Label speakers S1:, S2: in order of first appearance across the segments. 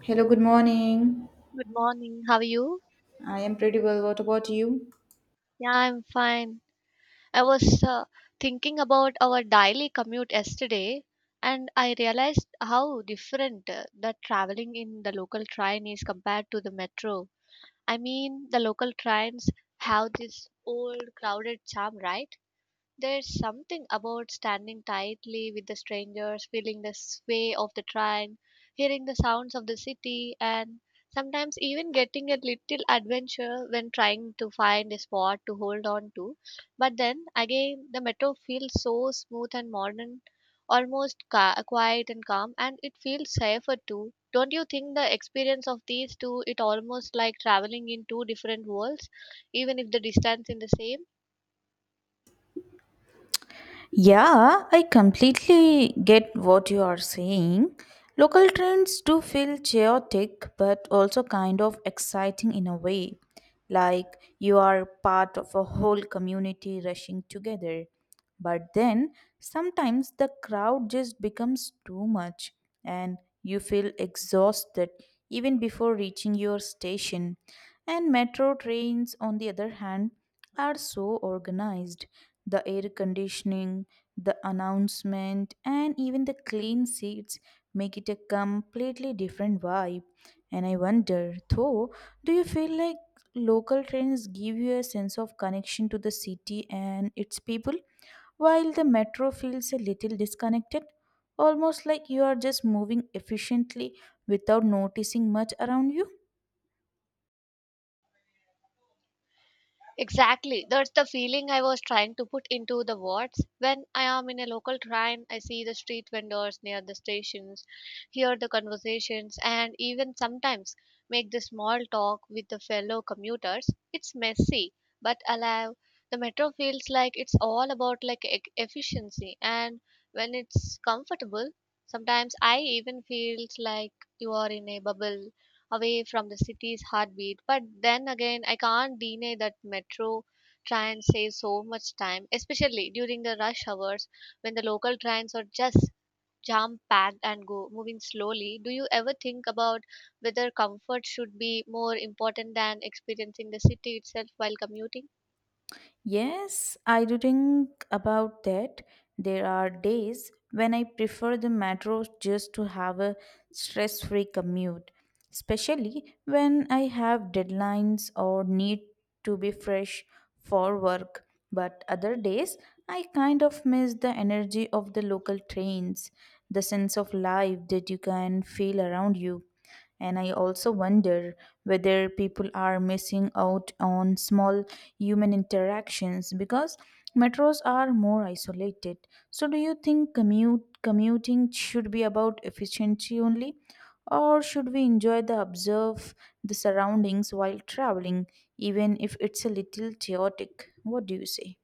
S1: Hello, good morning.
S2: Good morning. How are you?
S1: I am pretty well. What about you?
S2: Yeah, I'm fine. I was thinking about our daily commute yesterday, and I realized how different the traveling in the local train is compared to the metro. I mean, the local trains have this old crowded charm, right? There's something about standing tightly with the strangers, feeling the sway of the train, hearing the sounds of the city, and sometimes even getting a little adventure when trying to find a spot to hold on to. But then again, the metro feels so smooth and modern, quiet and calm, and it feels safer too. Don't you think the experience of these two it almost like traveling in two different worlds, even if the distance is the same?
S1: Yeah, I completely get what you are saying. Local trends do feel chaotic but also kind of exciting in a way, like you are part of a whole community rushing together. But then sometimes the crowd just becomes too much and you feel exhausted even before reaching your station. And metro trains, on the other hand, are so organized. The air conditioning, the announcement, and even the clean seats make it a completely different vibe. And I wonder, though, do you feel like local trains give you a sense of connection to the city and its people, while the metro feels a little disconnected, almost like you are just moving efficiently without noticing much around you?
S2: Exactly. That's the feeling I was trying to put into the words. When I am in a local train, I see the street vendors near the stations, hear the conversations, and even sometimes make the small talk with the fellow commuters. It's messy but alive. The metro feels like it's all about efficiency, and when it's comfortable, sometimes I even feels like you are in a bubble away from the city's heartbeat. But then again, I can't deny that metro trains save so much time, especially during the rush hours when the local trains are just jam packed and go moving slowly. Do you ever think about whether comfort should be more important than experiencing the city itself while commuting?
S1: Yes, I do think about that. There are days when I prefer the metro just to have a stress free commute, especially when I have deadlines or need to be fresh for work. But other days, I kind of miss the energy of the local trains, the sense of life that you can feel around you. And I also wonder whether people are missing out on small human interactions because metros are more isolated. So, do you think commuting should be about efficiency only? Or should we enjoy the observe the surroundings while traveling, even if it's a little chaotic? What do you say?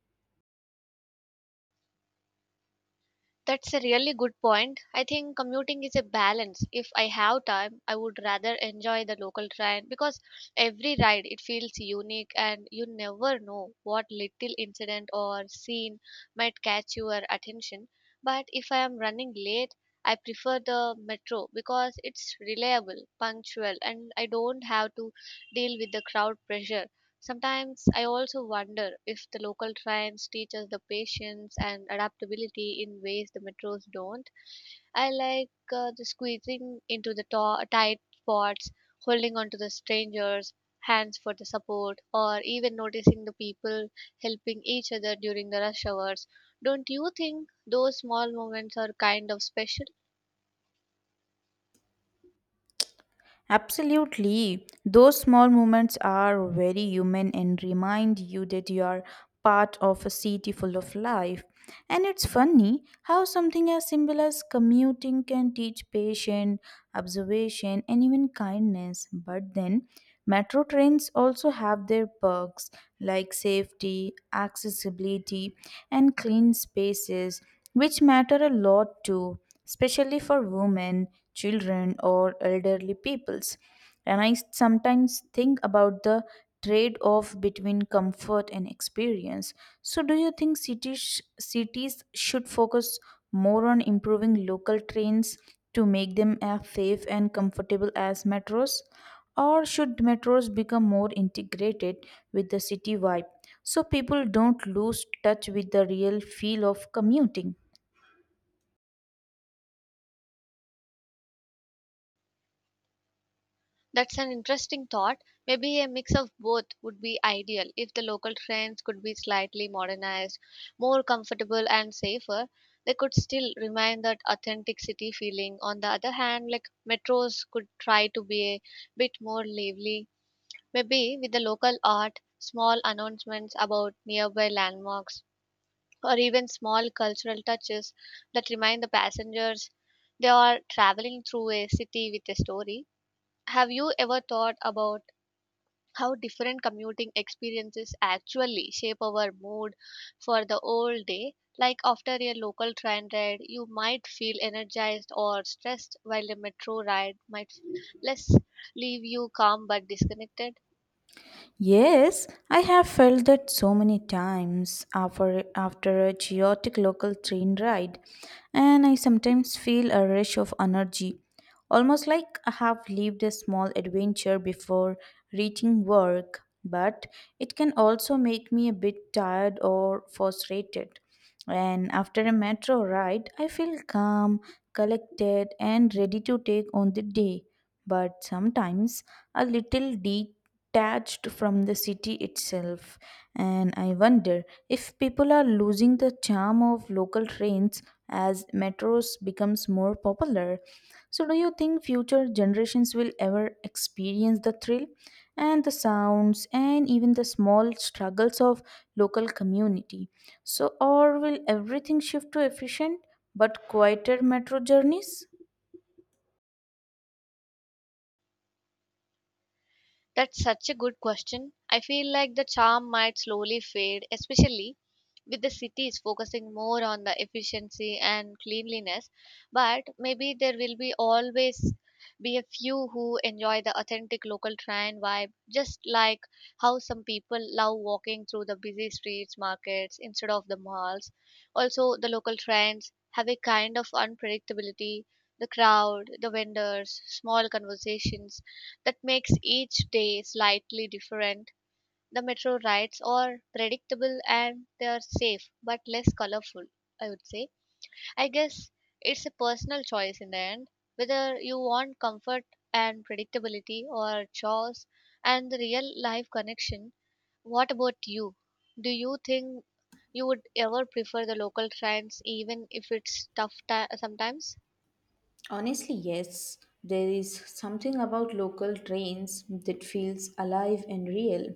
S2: That's a really good point. I think commuting is a balance. If I have time, I would rather enjoy the local train because every ride it feels unique and you never know what little incident or scene might catch your attention. But if I am running late, I prefer the metro because it's reliable, punctual, and I don't have to deal with the crowd pressure. Sometimes I also wonder if the local trains teach us the patience and adaptability in ways the metros don't. I like the squeezing into the tight spots, holding on to the strangers' hands for the support, or even noticing the people helping each other during the rush hours. Don't you think those small moments are kind of special?
S1: Absolutely. Those small moments are very human and remind you that you are part of a city full of life. And it's funny how something as simple as commuting can teach patience, observation, and even kindness. But then, metro trains also have their perks like safety, accessibility, and clean spaces, which matter a lot too, especially for women, children, or elderly peoples. And I sometimes think about the trade off between comfort and experience. So, do you think cities should focus more on improving local trains to make them as safe and comfortable as metros? Or should metros become more integrated with the city vibe so people don't lose touch with the real feel of commuting?
S2: That's an interesting thought. Maybe a mix of both would be ideal if the local trains could be slightly modernized, more comfortable and safer. They could still remain that authentic city feeling. On the other hand, like metros could try to be a bit more lively, maybe with the local art, small announcements about nearby landmarks, or even small cultural touches that remind the passengers they are traveling through a city with a story. Have you ever thought about how different commuting experiences actually shape our mood for the whole day. Like after a local train ride, you might feel energized or stressed, while a metro ride might less leave you calm but disconnected.
S1: Yes, I have felt that so many times after a chaotic local train ride, and I sometimes feel a rush of energy, almost like I have lived a small adventure before reaching work. But it can also make me a bit tired or frustrated. And after a metro ride, I feel calm, collected, and ready to take on the day, but sometimes a little detached from the city itself. And I wonder if people are losing the charm of local trains as metros becomes more popular. So do you think future generations will ever experience the thrill and the sounds and even the small struggles of local community? So or will everything shift to efficient but quieter metro journeys?
S2: That's such a good question. I feel like the charm might slowly fade, especially with the cities focusing more on the efficiency and cleanliness. But maybe there will be always be a few who enjoy the authentic local train vibe, just like how some people love walking through the busy streets, markets instead of the malls. Also, the local trains have a kind of unpredictability. The crowd, the vendors, small conversations that makes each day slightly different. The metro rides are predictable and they are safe but less colorful, I would say. I guess it's a personal choice in the end whether you want comfort and predictability or chores and the real life connection. What about you? Do you think you would ever prefer the local trains even if it's tough ti sometimes?
S1: Honestly, yes. There is something about local trains that feels alive and real.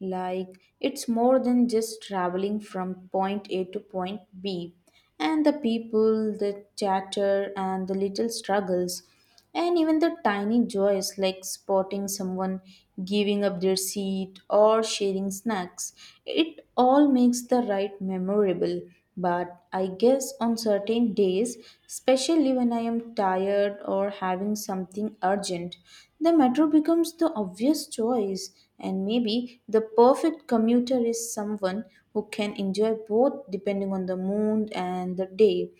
S1: Like it's more than just traveling from point A to point B. And the people, the chatter, and the little struggles. And even the tiny joys like spotting someone giving up their seat or sharing snacks, it all makes the ride memorable. But I guess on certain days, especially when I am tired or having something urgent, the metro becomes the obvious choice. And maybe the perfect commuter is someone who can enjoy both depending on the mood and the day.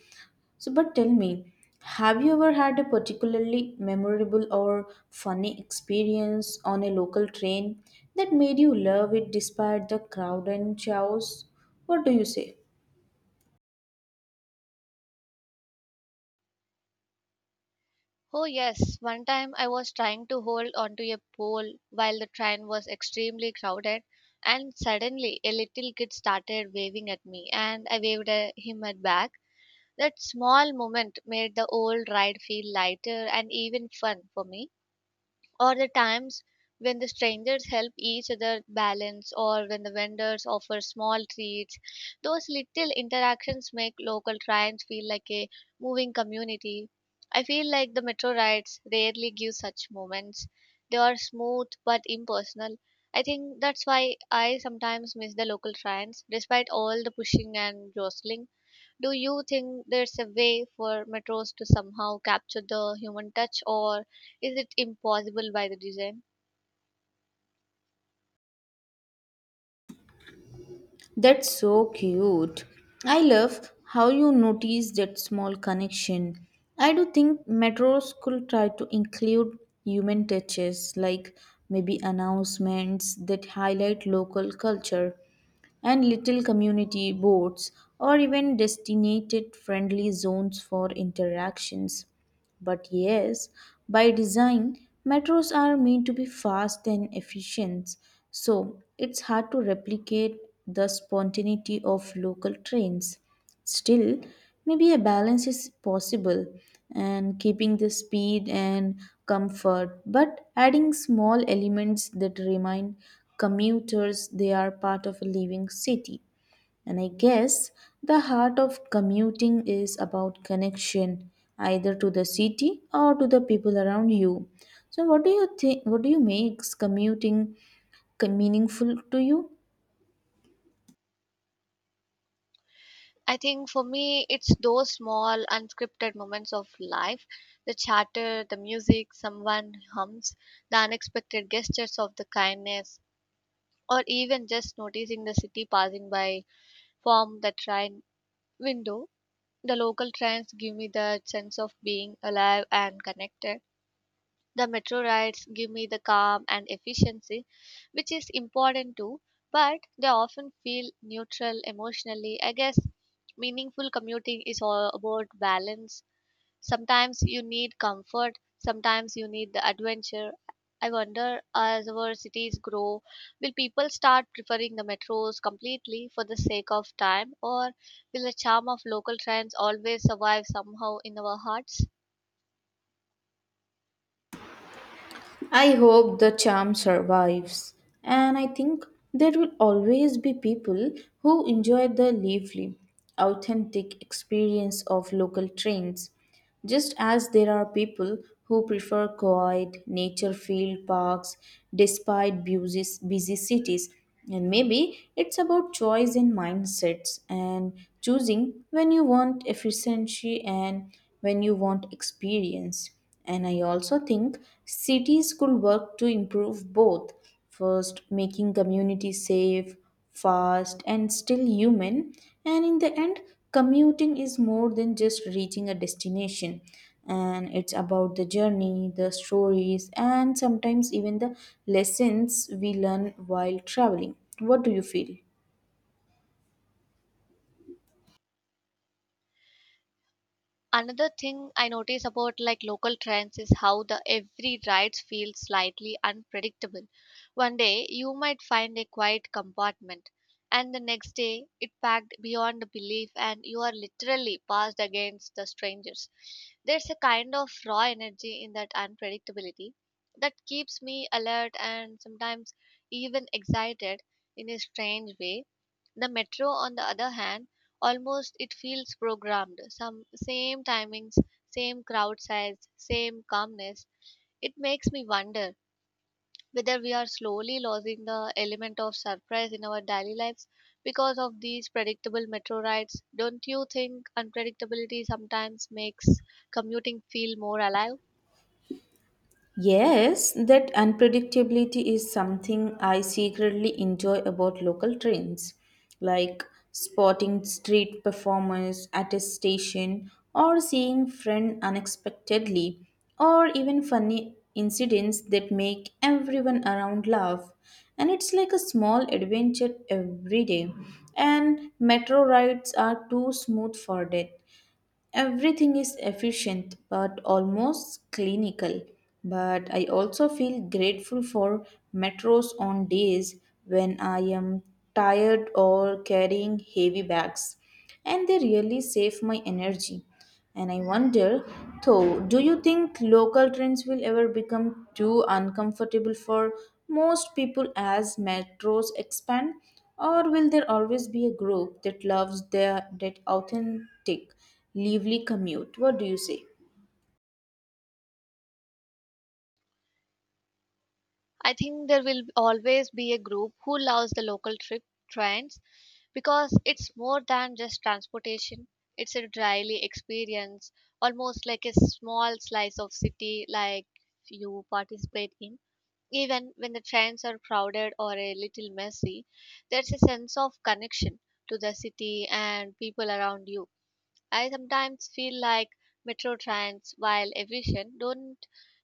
S1: So, but tell me, have you ever had a particularly memorable or funny experience on a local train that made you love it despite the crowd and chaos? What do you say?
S2: Oh, yes. One time I was trying to hold onto a pole while the train was extremely crowded, and suddenly a little kid started waving at me, and I waved at him at back. That small moment made the whole ride feel lighter and even fun for me or the times when the strangers help each other balance or when the vendors offer small treats, those little interactions make local trains feel like a moving community. I feel like the metro rides rarely give such moments. They are smooth but impersonal. I think that's why I sometimes miss the local trains despite all the pushing and jostling. Do you think there's a way for metros to somehow capture the human touch, or is it impossible by the design?
S1: That's so cute. I love how you notice that small connection. I do think metros could try to include human touches, like maybe announcements that highlight local culture and little community boards, or even designated friendly zones for interactions. But yes, by design, metros are meant to be fast and efficient, so it's hard to replicate the spontaneity of local trains. Still, maybe a balance is possible, and keeping the speed and comfort, but adding small elements that remind commuters they are part of a living city. And I guess the heart of commuting is about connection, either to the city or to the people around you. So what do you think, what do you makes commuting meaningful to you?
S2: I think for me, it's those small, unscripted moments of life, the chatter, the music, someone hums, the unexpected gestures of the kindness, or even just noticing the city passing by from the train window. The local trains give me that sense of being alive and connected. The metro rides give me the calm and efficiency, which is important too, but they often feel neutral emotionally. I guess meaningful commuting is all about balance. Sometimes you need comfort, sometimes you need the adventure. I wonder as our cities grow, will people start preferring the metros completely for the sake of time, or will the charm of local trains always survive somehow in our hearts?
S1: I hope the charm survives. And I think there will always be people who enjoy the lively, authentic experience of local trains. Just as there are people who prefer quiet nature filled parks despite busy, busy cities, and maybe it's about choice and mindsets and choosing when you want efficiency and when you want experience. And I also think cities could work to improve both. First, making communities safe, fast, and still human. And in the end, commuting is more than just reaching a destination. And it's about the journey, the stories, and sometimes even the lessons we learn while traveling. What do you feel?
S2: Another thing I notice about like local trends is how the every rides feel slightly unpredictable. One day you might find a quiet compartment and the next day it packed beyond belief and you are literally passed against the strangers. There's a kind of raw energy in that unpredictability that keeps me alert and sometimes even excited in a strange way. The metro, on the other hand, almost it feels programmed. Some same timings, same crowd size, same calmness. It makes me wonder whether we are slowly losing the element of surprise in our daily lives because of these predictable metro rides. Don't you think unpredictability sometimes makes commuting feel more alive?
S1: Yes, that unpredictability is something I secretly enjoy about local trains, like spotting street performers at a station or seeing friend unexpectedly or even funny incidents that make everyone around laugh, and it's like a small adventure every day. And metro rides are too smooth for that. Everything is efficient but almost clinical. But I also feel grateful for metros on days when I am tired or carrying heavy bags, and they really save my energy. And I wonder, though, do you think local trains will ever become too uncomfortable for most people as metros expand? Or will there always be a group that loves that authentic, lively commute? What do you say?
S2: I think there will always be a group who loves the local trip trends because it's more than just transportation. It's a daily experience, almost like a small slice of city like you participate in. Even when the trains are crowded or a little messy, there's a sense of connection to the city and people around you. I sometimes feel like metro trains, while efficient, don't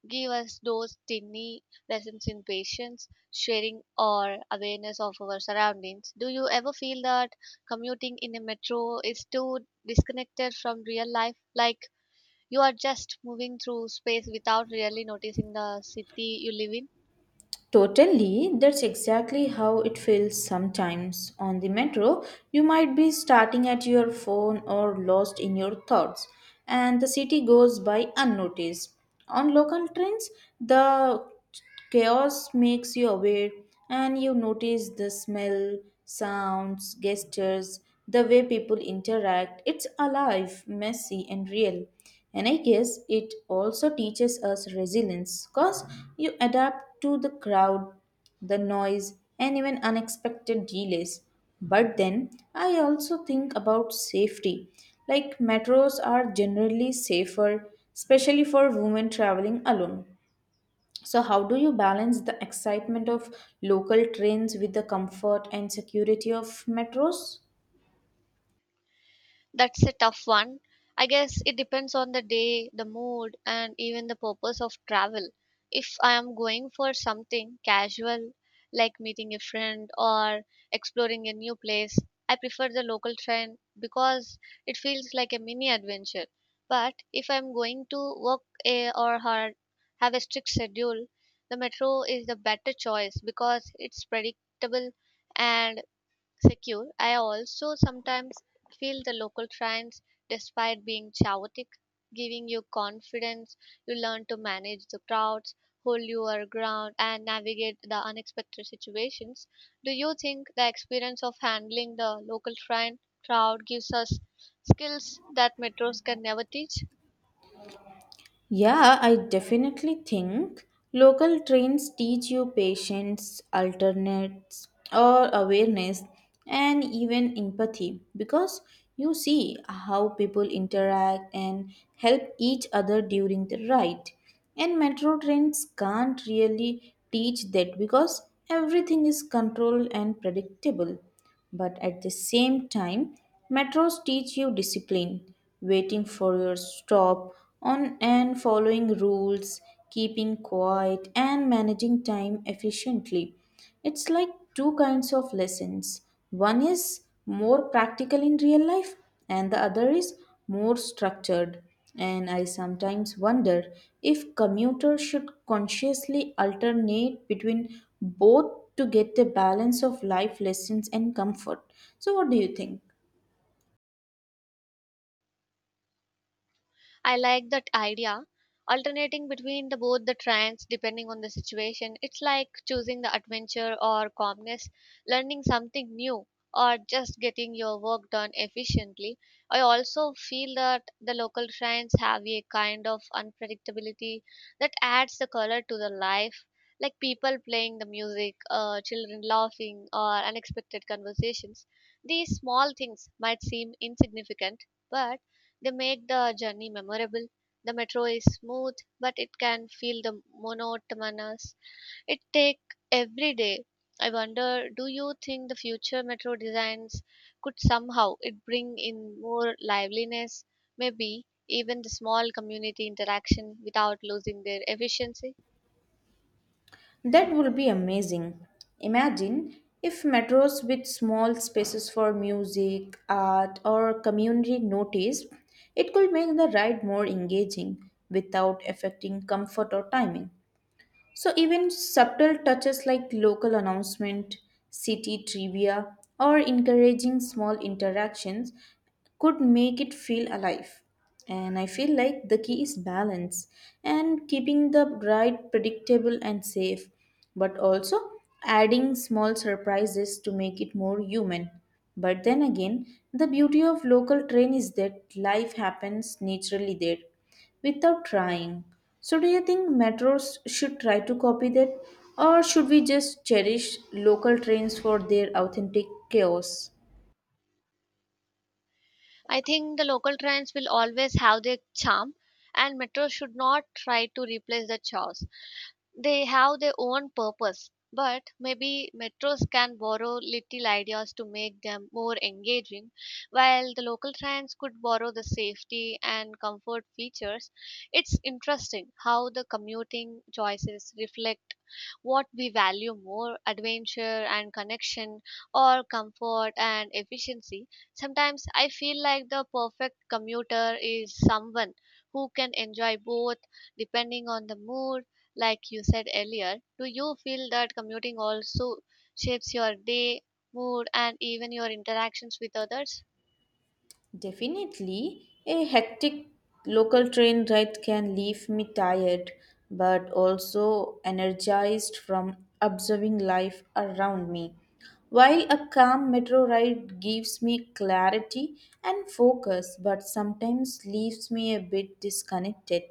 S2: give us those tiny lessons in patience, sharing, or awareness of our surroundings. Do you ever feel that commuting in a metro is too disconnected from real life? Like you are just moving through space without really noticing the city you live in?
S1: Totally, that's exactly how it feels sometimes. On the metro, you might be starting at your phone or lost in your thoughts, and the city goes by unnoticed. On local trains, the chaos makes you aware and you notice the smell, sounds, gestures, the way people interact. It's alive, messy, and real. And I guess it also teaches us resilience because you adapt to the crowd, the noise, and even unexpected delays. But then I also think about safety. Like metros are generally safer, especially for women traveling alone. So, how do you balance the excitement of local trains with the comfort and security of metros?
S2: That's a tough one. I guess it depends on the day, the mood, and even the purpose of travel. If I am going for something casual, like meeting a friend or exploring a new place, I prefer the local train because it feels like a mini adventure. But if I'm going to work a, or hard, have a strict schedule, the metro is the better choice because it's predictable and secure. I also sometimes feel the local trains, despite being chaotic, giving you confidence. You learn to manage the crowds, hold your ground, and navigate the unexpected situations. Do you think the experience of handling the local train crowd gives us skills that metros can never teach?
S1: Yeah, I definitely think local trains teach you patience, alternates, or awareness, and even empathy because you see how people interact and help each other during the ride. And metro trains can't really teach that because everything is controlled and predictable. But at the same time, metros teach you discipline, waiting for your stop on and following rules, keeping quiet and managing time efficiently. It's like two kinds of lessons. One is more practical in real life and the other is more structured. And I sometimes wonder if commuters should consciously alternate between both to get a balance of life lessons and comfort. So, what do you think?
S2: I like that idea. Alternating between the both the tracks depending on the situation. It's like choosing the adventure or calmness, learning something new, or just getting your work done efficiently. I also feel that the local shrines have a kind of unpredictability that adds the color to the life. Like people playing the music, children laughing, or unexpected conversations. These small things might seem insignificant, but they make the journey memorable. The metro is smooth, but it can feel the monotonous. It take every day. I wonder, do you think the future metro designs could somehow it bring in more liveliness, maybe even the small community interaction without losing their efficiency?
S1: That would be amazing. Imagine if metros with small spaces for music, art, or community notice, it could make the ride more engaging without affecting comfort or timing. So even subtle touches like local announcement, city trivia, or encouraging small interactions could make it feel alive. And I feel like the key is balance and keeping the ride predictable and safe, but also adding small surprises to make it more human. But then again, the beauty of local train is that life happens naturally there without trying. So, do you think metros should try to copy that, or should we just cherish local trains for their authentic chaos?
S2: I think the local trains will always have their charm, and metro should not try to replace the chaos. They have their own purpose, but maybe metros can borrow little ideas to make them more engaging, while the local trains could borrow the safety and comfort features. It's interesting how the commuting choices reflect what we value more adventure and connection, or comfort and efficiency. Sometimes I feel like the perfect commuter is someone who can enjoy both depending on the mood like you said earlier, do you feel that commuting also shapes your day, mood, and even your interactions with others?
S1: Definitely, a hectic local train ride can leave me tired but also energized from observing life around me. While a calm metro ride gives me clarity and focus, but sometimes leaves me a bit disconnected.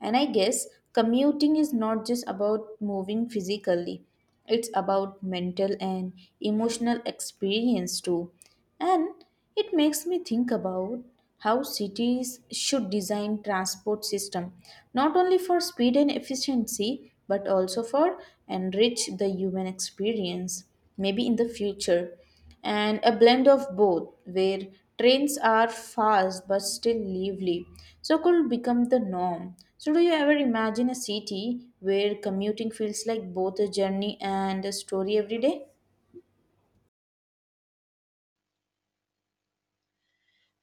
S1: And I guess commuting is not just about moving physically, it's about mental and emotional experience too. And it makes me think about how cities should design transport system not only for speed and efficiency but also for enrich the human experience, maybe in the future, and a blend of both where trains are fast but still lively, so could become the norm. So do you ever imagine a city where commuting feels like both a journey and a story every day?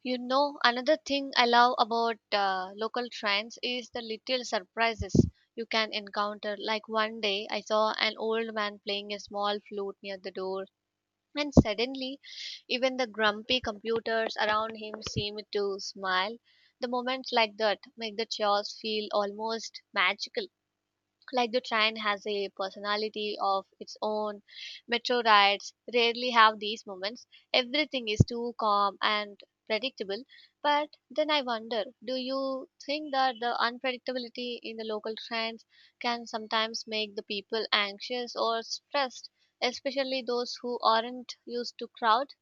S2: You know, another thing I love about local trains is the little surprises you can encounter. Like one day, I saw an old man playing a small flute near the door, and suddenly, even the grumpy computers around him seemed to smile. The moments like that make the chores feel almost magical, like the train has a personality of its own. Metro rides rarely have these moments. Everything is too calm and predictable, but then I wonder, do you think that the unpredictability in the local trains can sometimes make the people anxious or stressed, especially those who aren't used to crowds?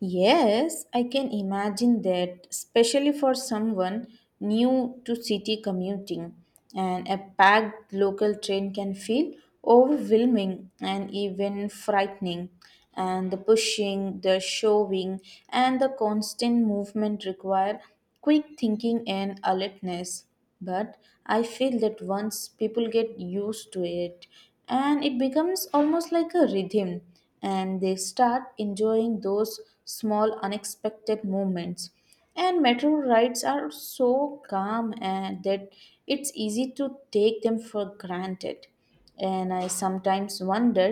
S1: Yes, I can imagine that, especially for someone new to city commuting. And a packed local train can feel overwhelming and even frightening. And the pushing, the shoving, and the constant movement require quick thinking and alertness. But I feel that once people get used to it, and it becomes almost like a rhythm, and they start enjoying those small unexpected moments. And metro rides are so calm and that it's easy to take them for granted. And I sometimes wonder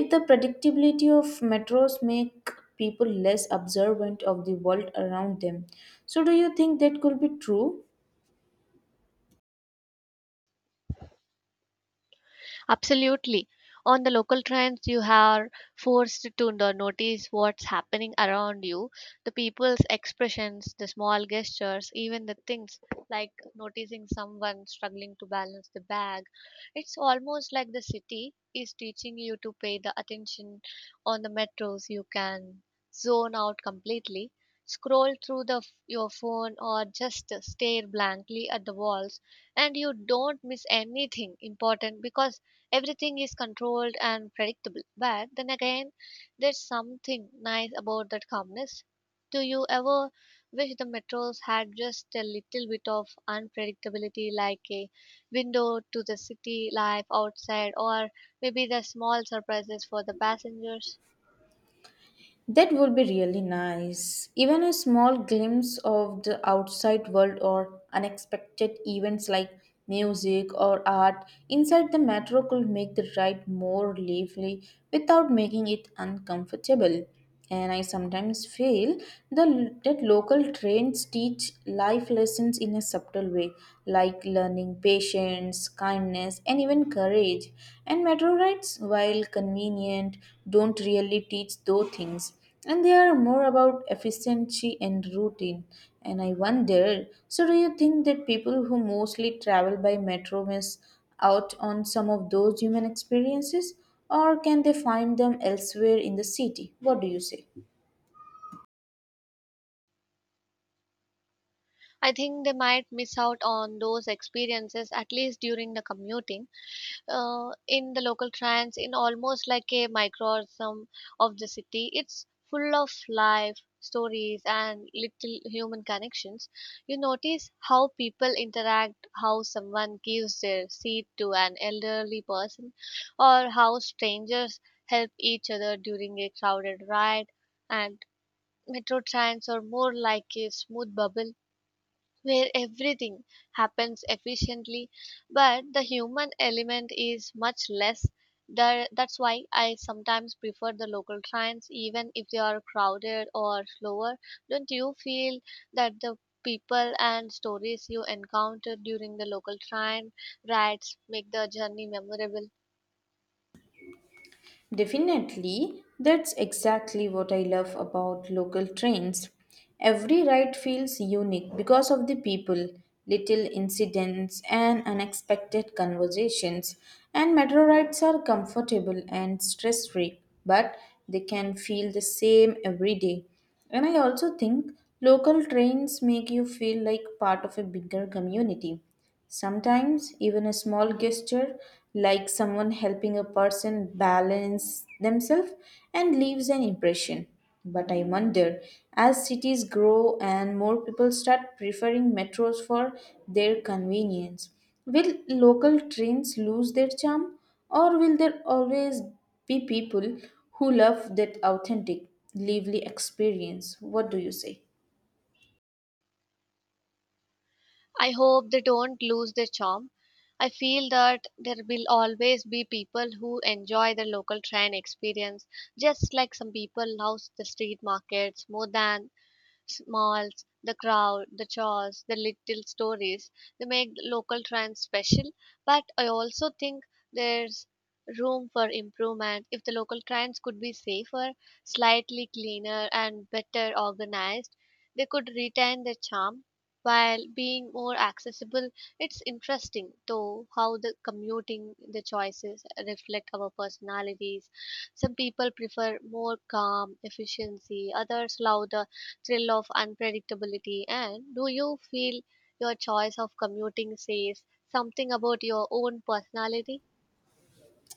S1: if the predictability of metros make people less observant of the world around them. So do you think that could be true?
S2: Absolutely. On the local trains, you are forced to notice what's happening around you, the people's expressions, the small gestures, even the things like noticing someone struggling to balance the bag. It's almost like the city is teaching you to pay the attention on the metros. You can zone out completely, scroll through your phone, or just stare blankly at the walls, and you don't miss anything important because everything is controlled and predictable. But then again, there's something nice about that calmness. Do you ever wish the metros had just a little bit of unpredictability, like a window to the city life outside, or maybe the small surprises for the passengers?
S1: That would be really nice. Even a small glimpse of the outside world or unexpected events like music or art inside the metro could make the ride more lively without making it uncomfortable. And I sometimes feel that local trains teach life lessons in a subtle way, like learning patience, kindness, and even courage. And metro rides, while convenient, don't really teach those things. And they are more about efficiency and routine. And I wonder, so, do you think that people who mostly travel by metro miss out on some of those human experiences? Or can they find them elsewhere in the city? What do you say?
S2: I think they might miss out on those experiences at least during the commuting. In the local trends in almost like a microcosm of the city, it's full of life stories and little human connections. You notice how people interact, how someone gives their seat to an elderly person, or how strangers help each other during a crowded ride. And metro trains are more like a smooth bubble where everything happens efficiently, but the human element is much less. That's why I sometimes prefer the local trains even if they are crowded or slower. Don't you feel that the people and stories you encounter during the local train rides make the journey memorable?
S1: Definitely, that's exactly what I love about local trains. Every ride feels unique because of the people, little incidents, and unexpected conversations. And metro rides are comfortable and stress free, but they can feel the same every day. And I also think local trains make you feel like part of a bigger community. Sometimes, even a small gesture like someone helping a person balance themselves and leaves an impression. But I wonder, as cities grow and more people start preferring metros for their convenience, will local trains lose their charm or will there always be people who love that authentic, lively experience? What do you say?
S2: I hope they don't lose their charm. I feel that there will always be people who enjoy the local train experience, just like some people love the street markets more than smalls, the crowd, the chores, the little stories. They make local trains special, but I also think there's room for improvement. If the local trains could be safer, slightly cleaner, and better organized, they could retain their charm while being more accessible. It's interesting, though, how the commuting, the choices reflect our personalities. Some people prefer more calm efficiency, others louder thrill of unpredictability? And do you feel your choice of commuting says something about your own personality?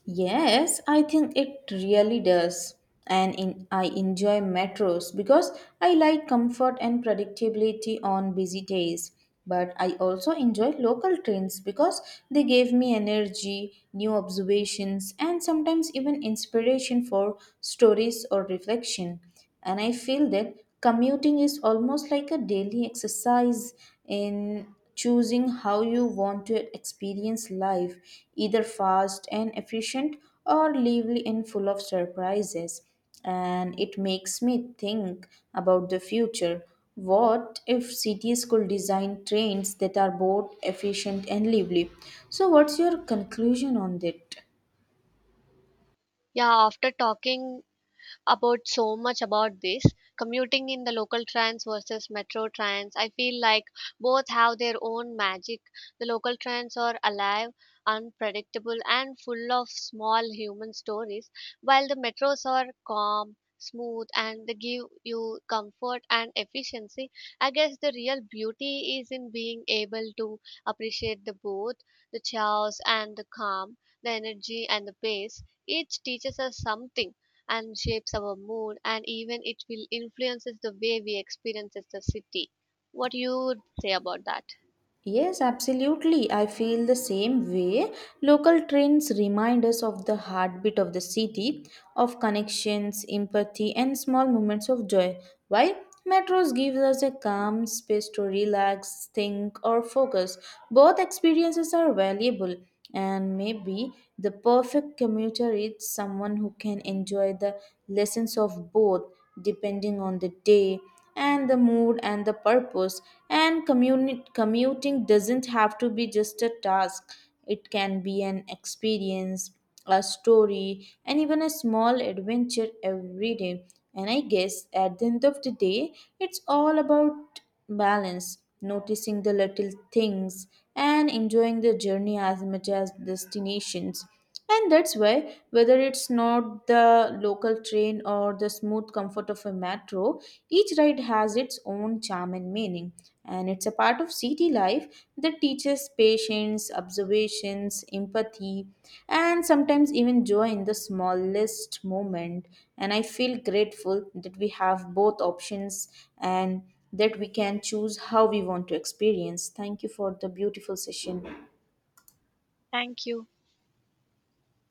S1: Yes, I think it really does. And in, I enjoy metros because I like comfort and predictability on busy days. But I also enjoy local trains because they gave me energy, new observations, and sometimes even inspiration for stories or reflection. And I feel that commuting is almost like a daily exercise in choosing how you want to experience life, either fast and efficient or lively and full of surprises. And it makes me think about the future. What if cities could design trains that are both efficient and lively? So, what's your conclusion on that?
S2: Yeah, after talking about so much about this commuting in the local trains versus metro trains. I feel like both have their own magic. The local trains are alive, unpredictable, and full of small human stories, while the metros are calm. Smooth and they give you comfort and efficiency. I guess the real beauty is in being able to appreciate the both, the chaos and the calm, the energy and the pace. Each teaches us something and shapes our mood and even it will influences the way we experiences the city, what you would say about that.
S1: Yes, absolutely. I feel the same way. Local trains remind us of the heartbeat of the city, of connections, empathy, and small moments of joy. While metros give us a calm space to relax, think, or focus, both experiences are valuable. And maybe the perfect commuter is someone who can enjoy the lessons of both depending on the day and the mood and the purpose. And commuting doesn't have to be just a task, it can be an experience, a story, and even a small adventure every day. And I guess at the end of the day, it's all about balance, noticing the little things, and enjoying the journey as much as destinations. And that's why, whether it's not the local train or the smooth comfort of a metro, each ride has its own charm and meaning. And it's a part of city life that teaches patience, observations, empathy, and sometimes even joy in the smallest moment. And I feel grateful that we have both options and that we can choose how we want to experience. Thank you for the beautiful session.
S2: Thank you.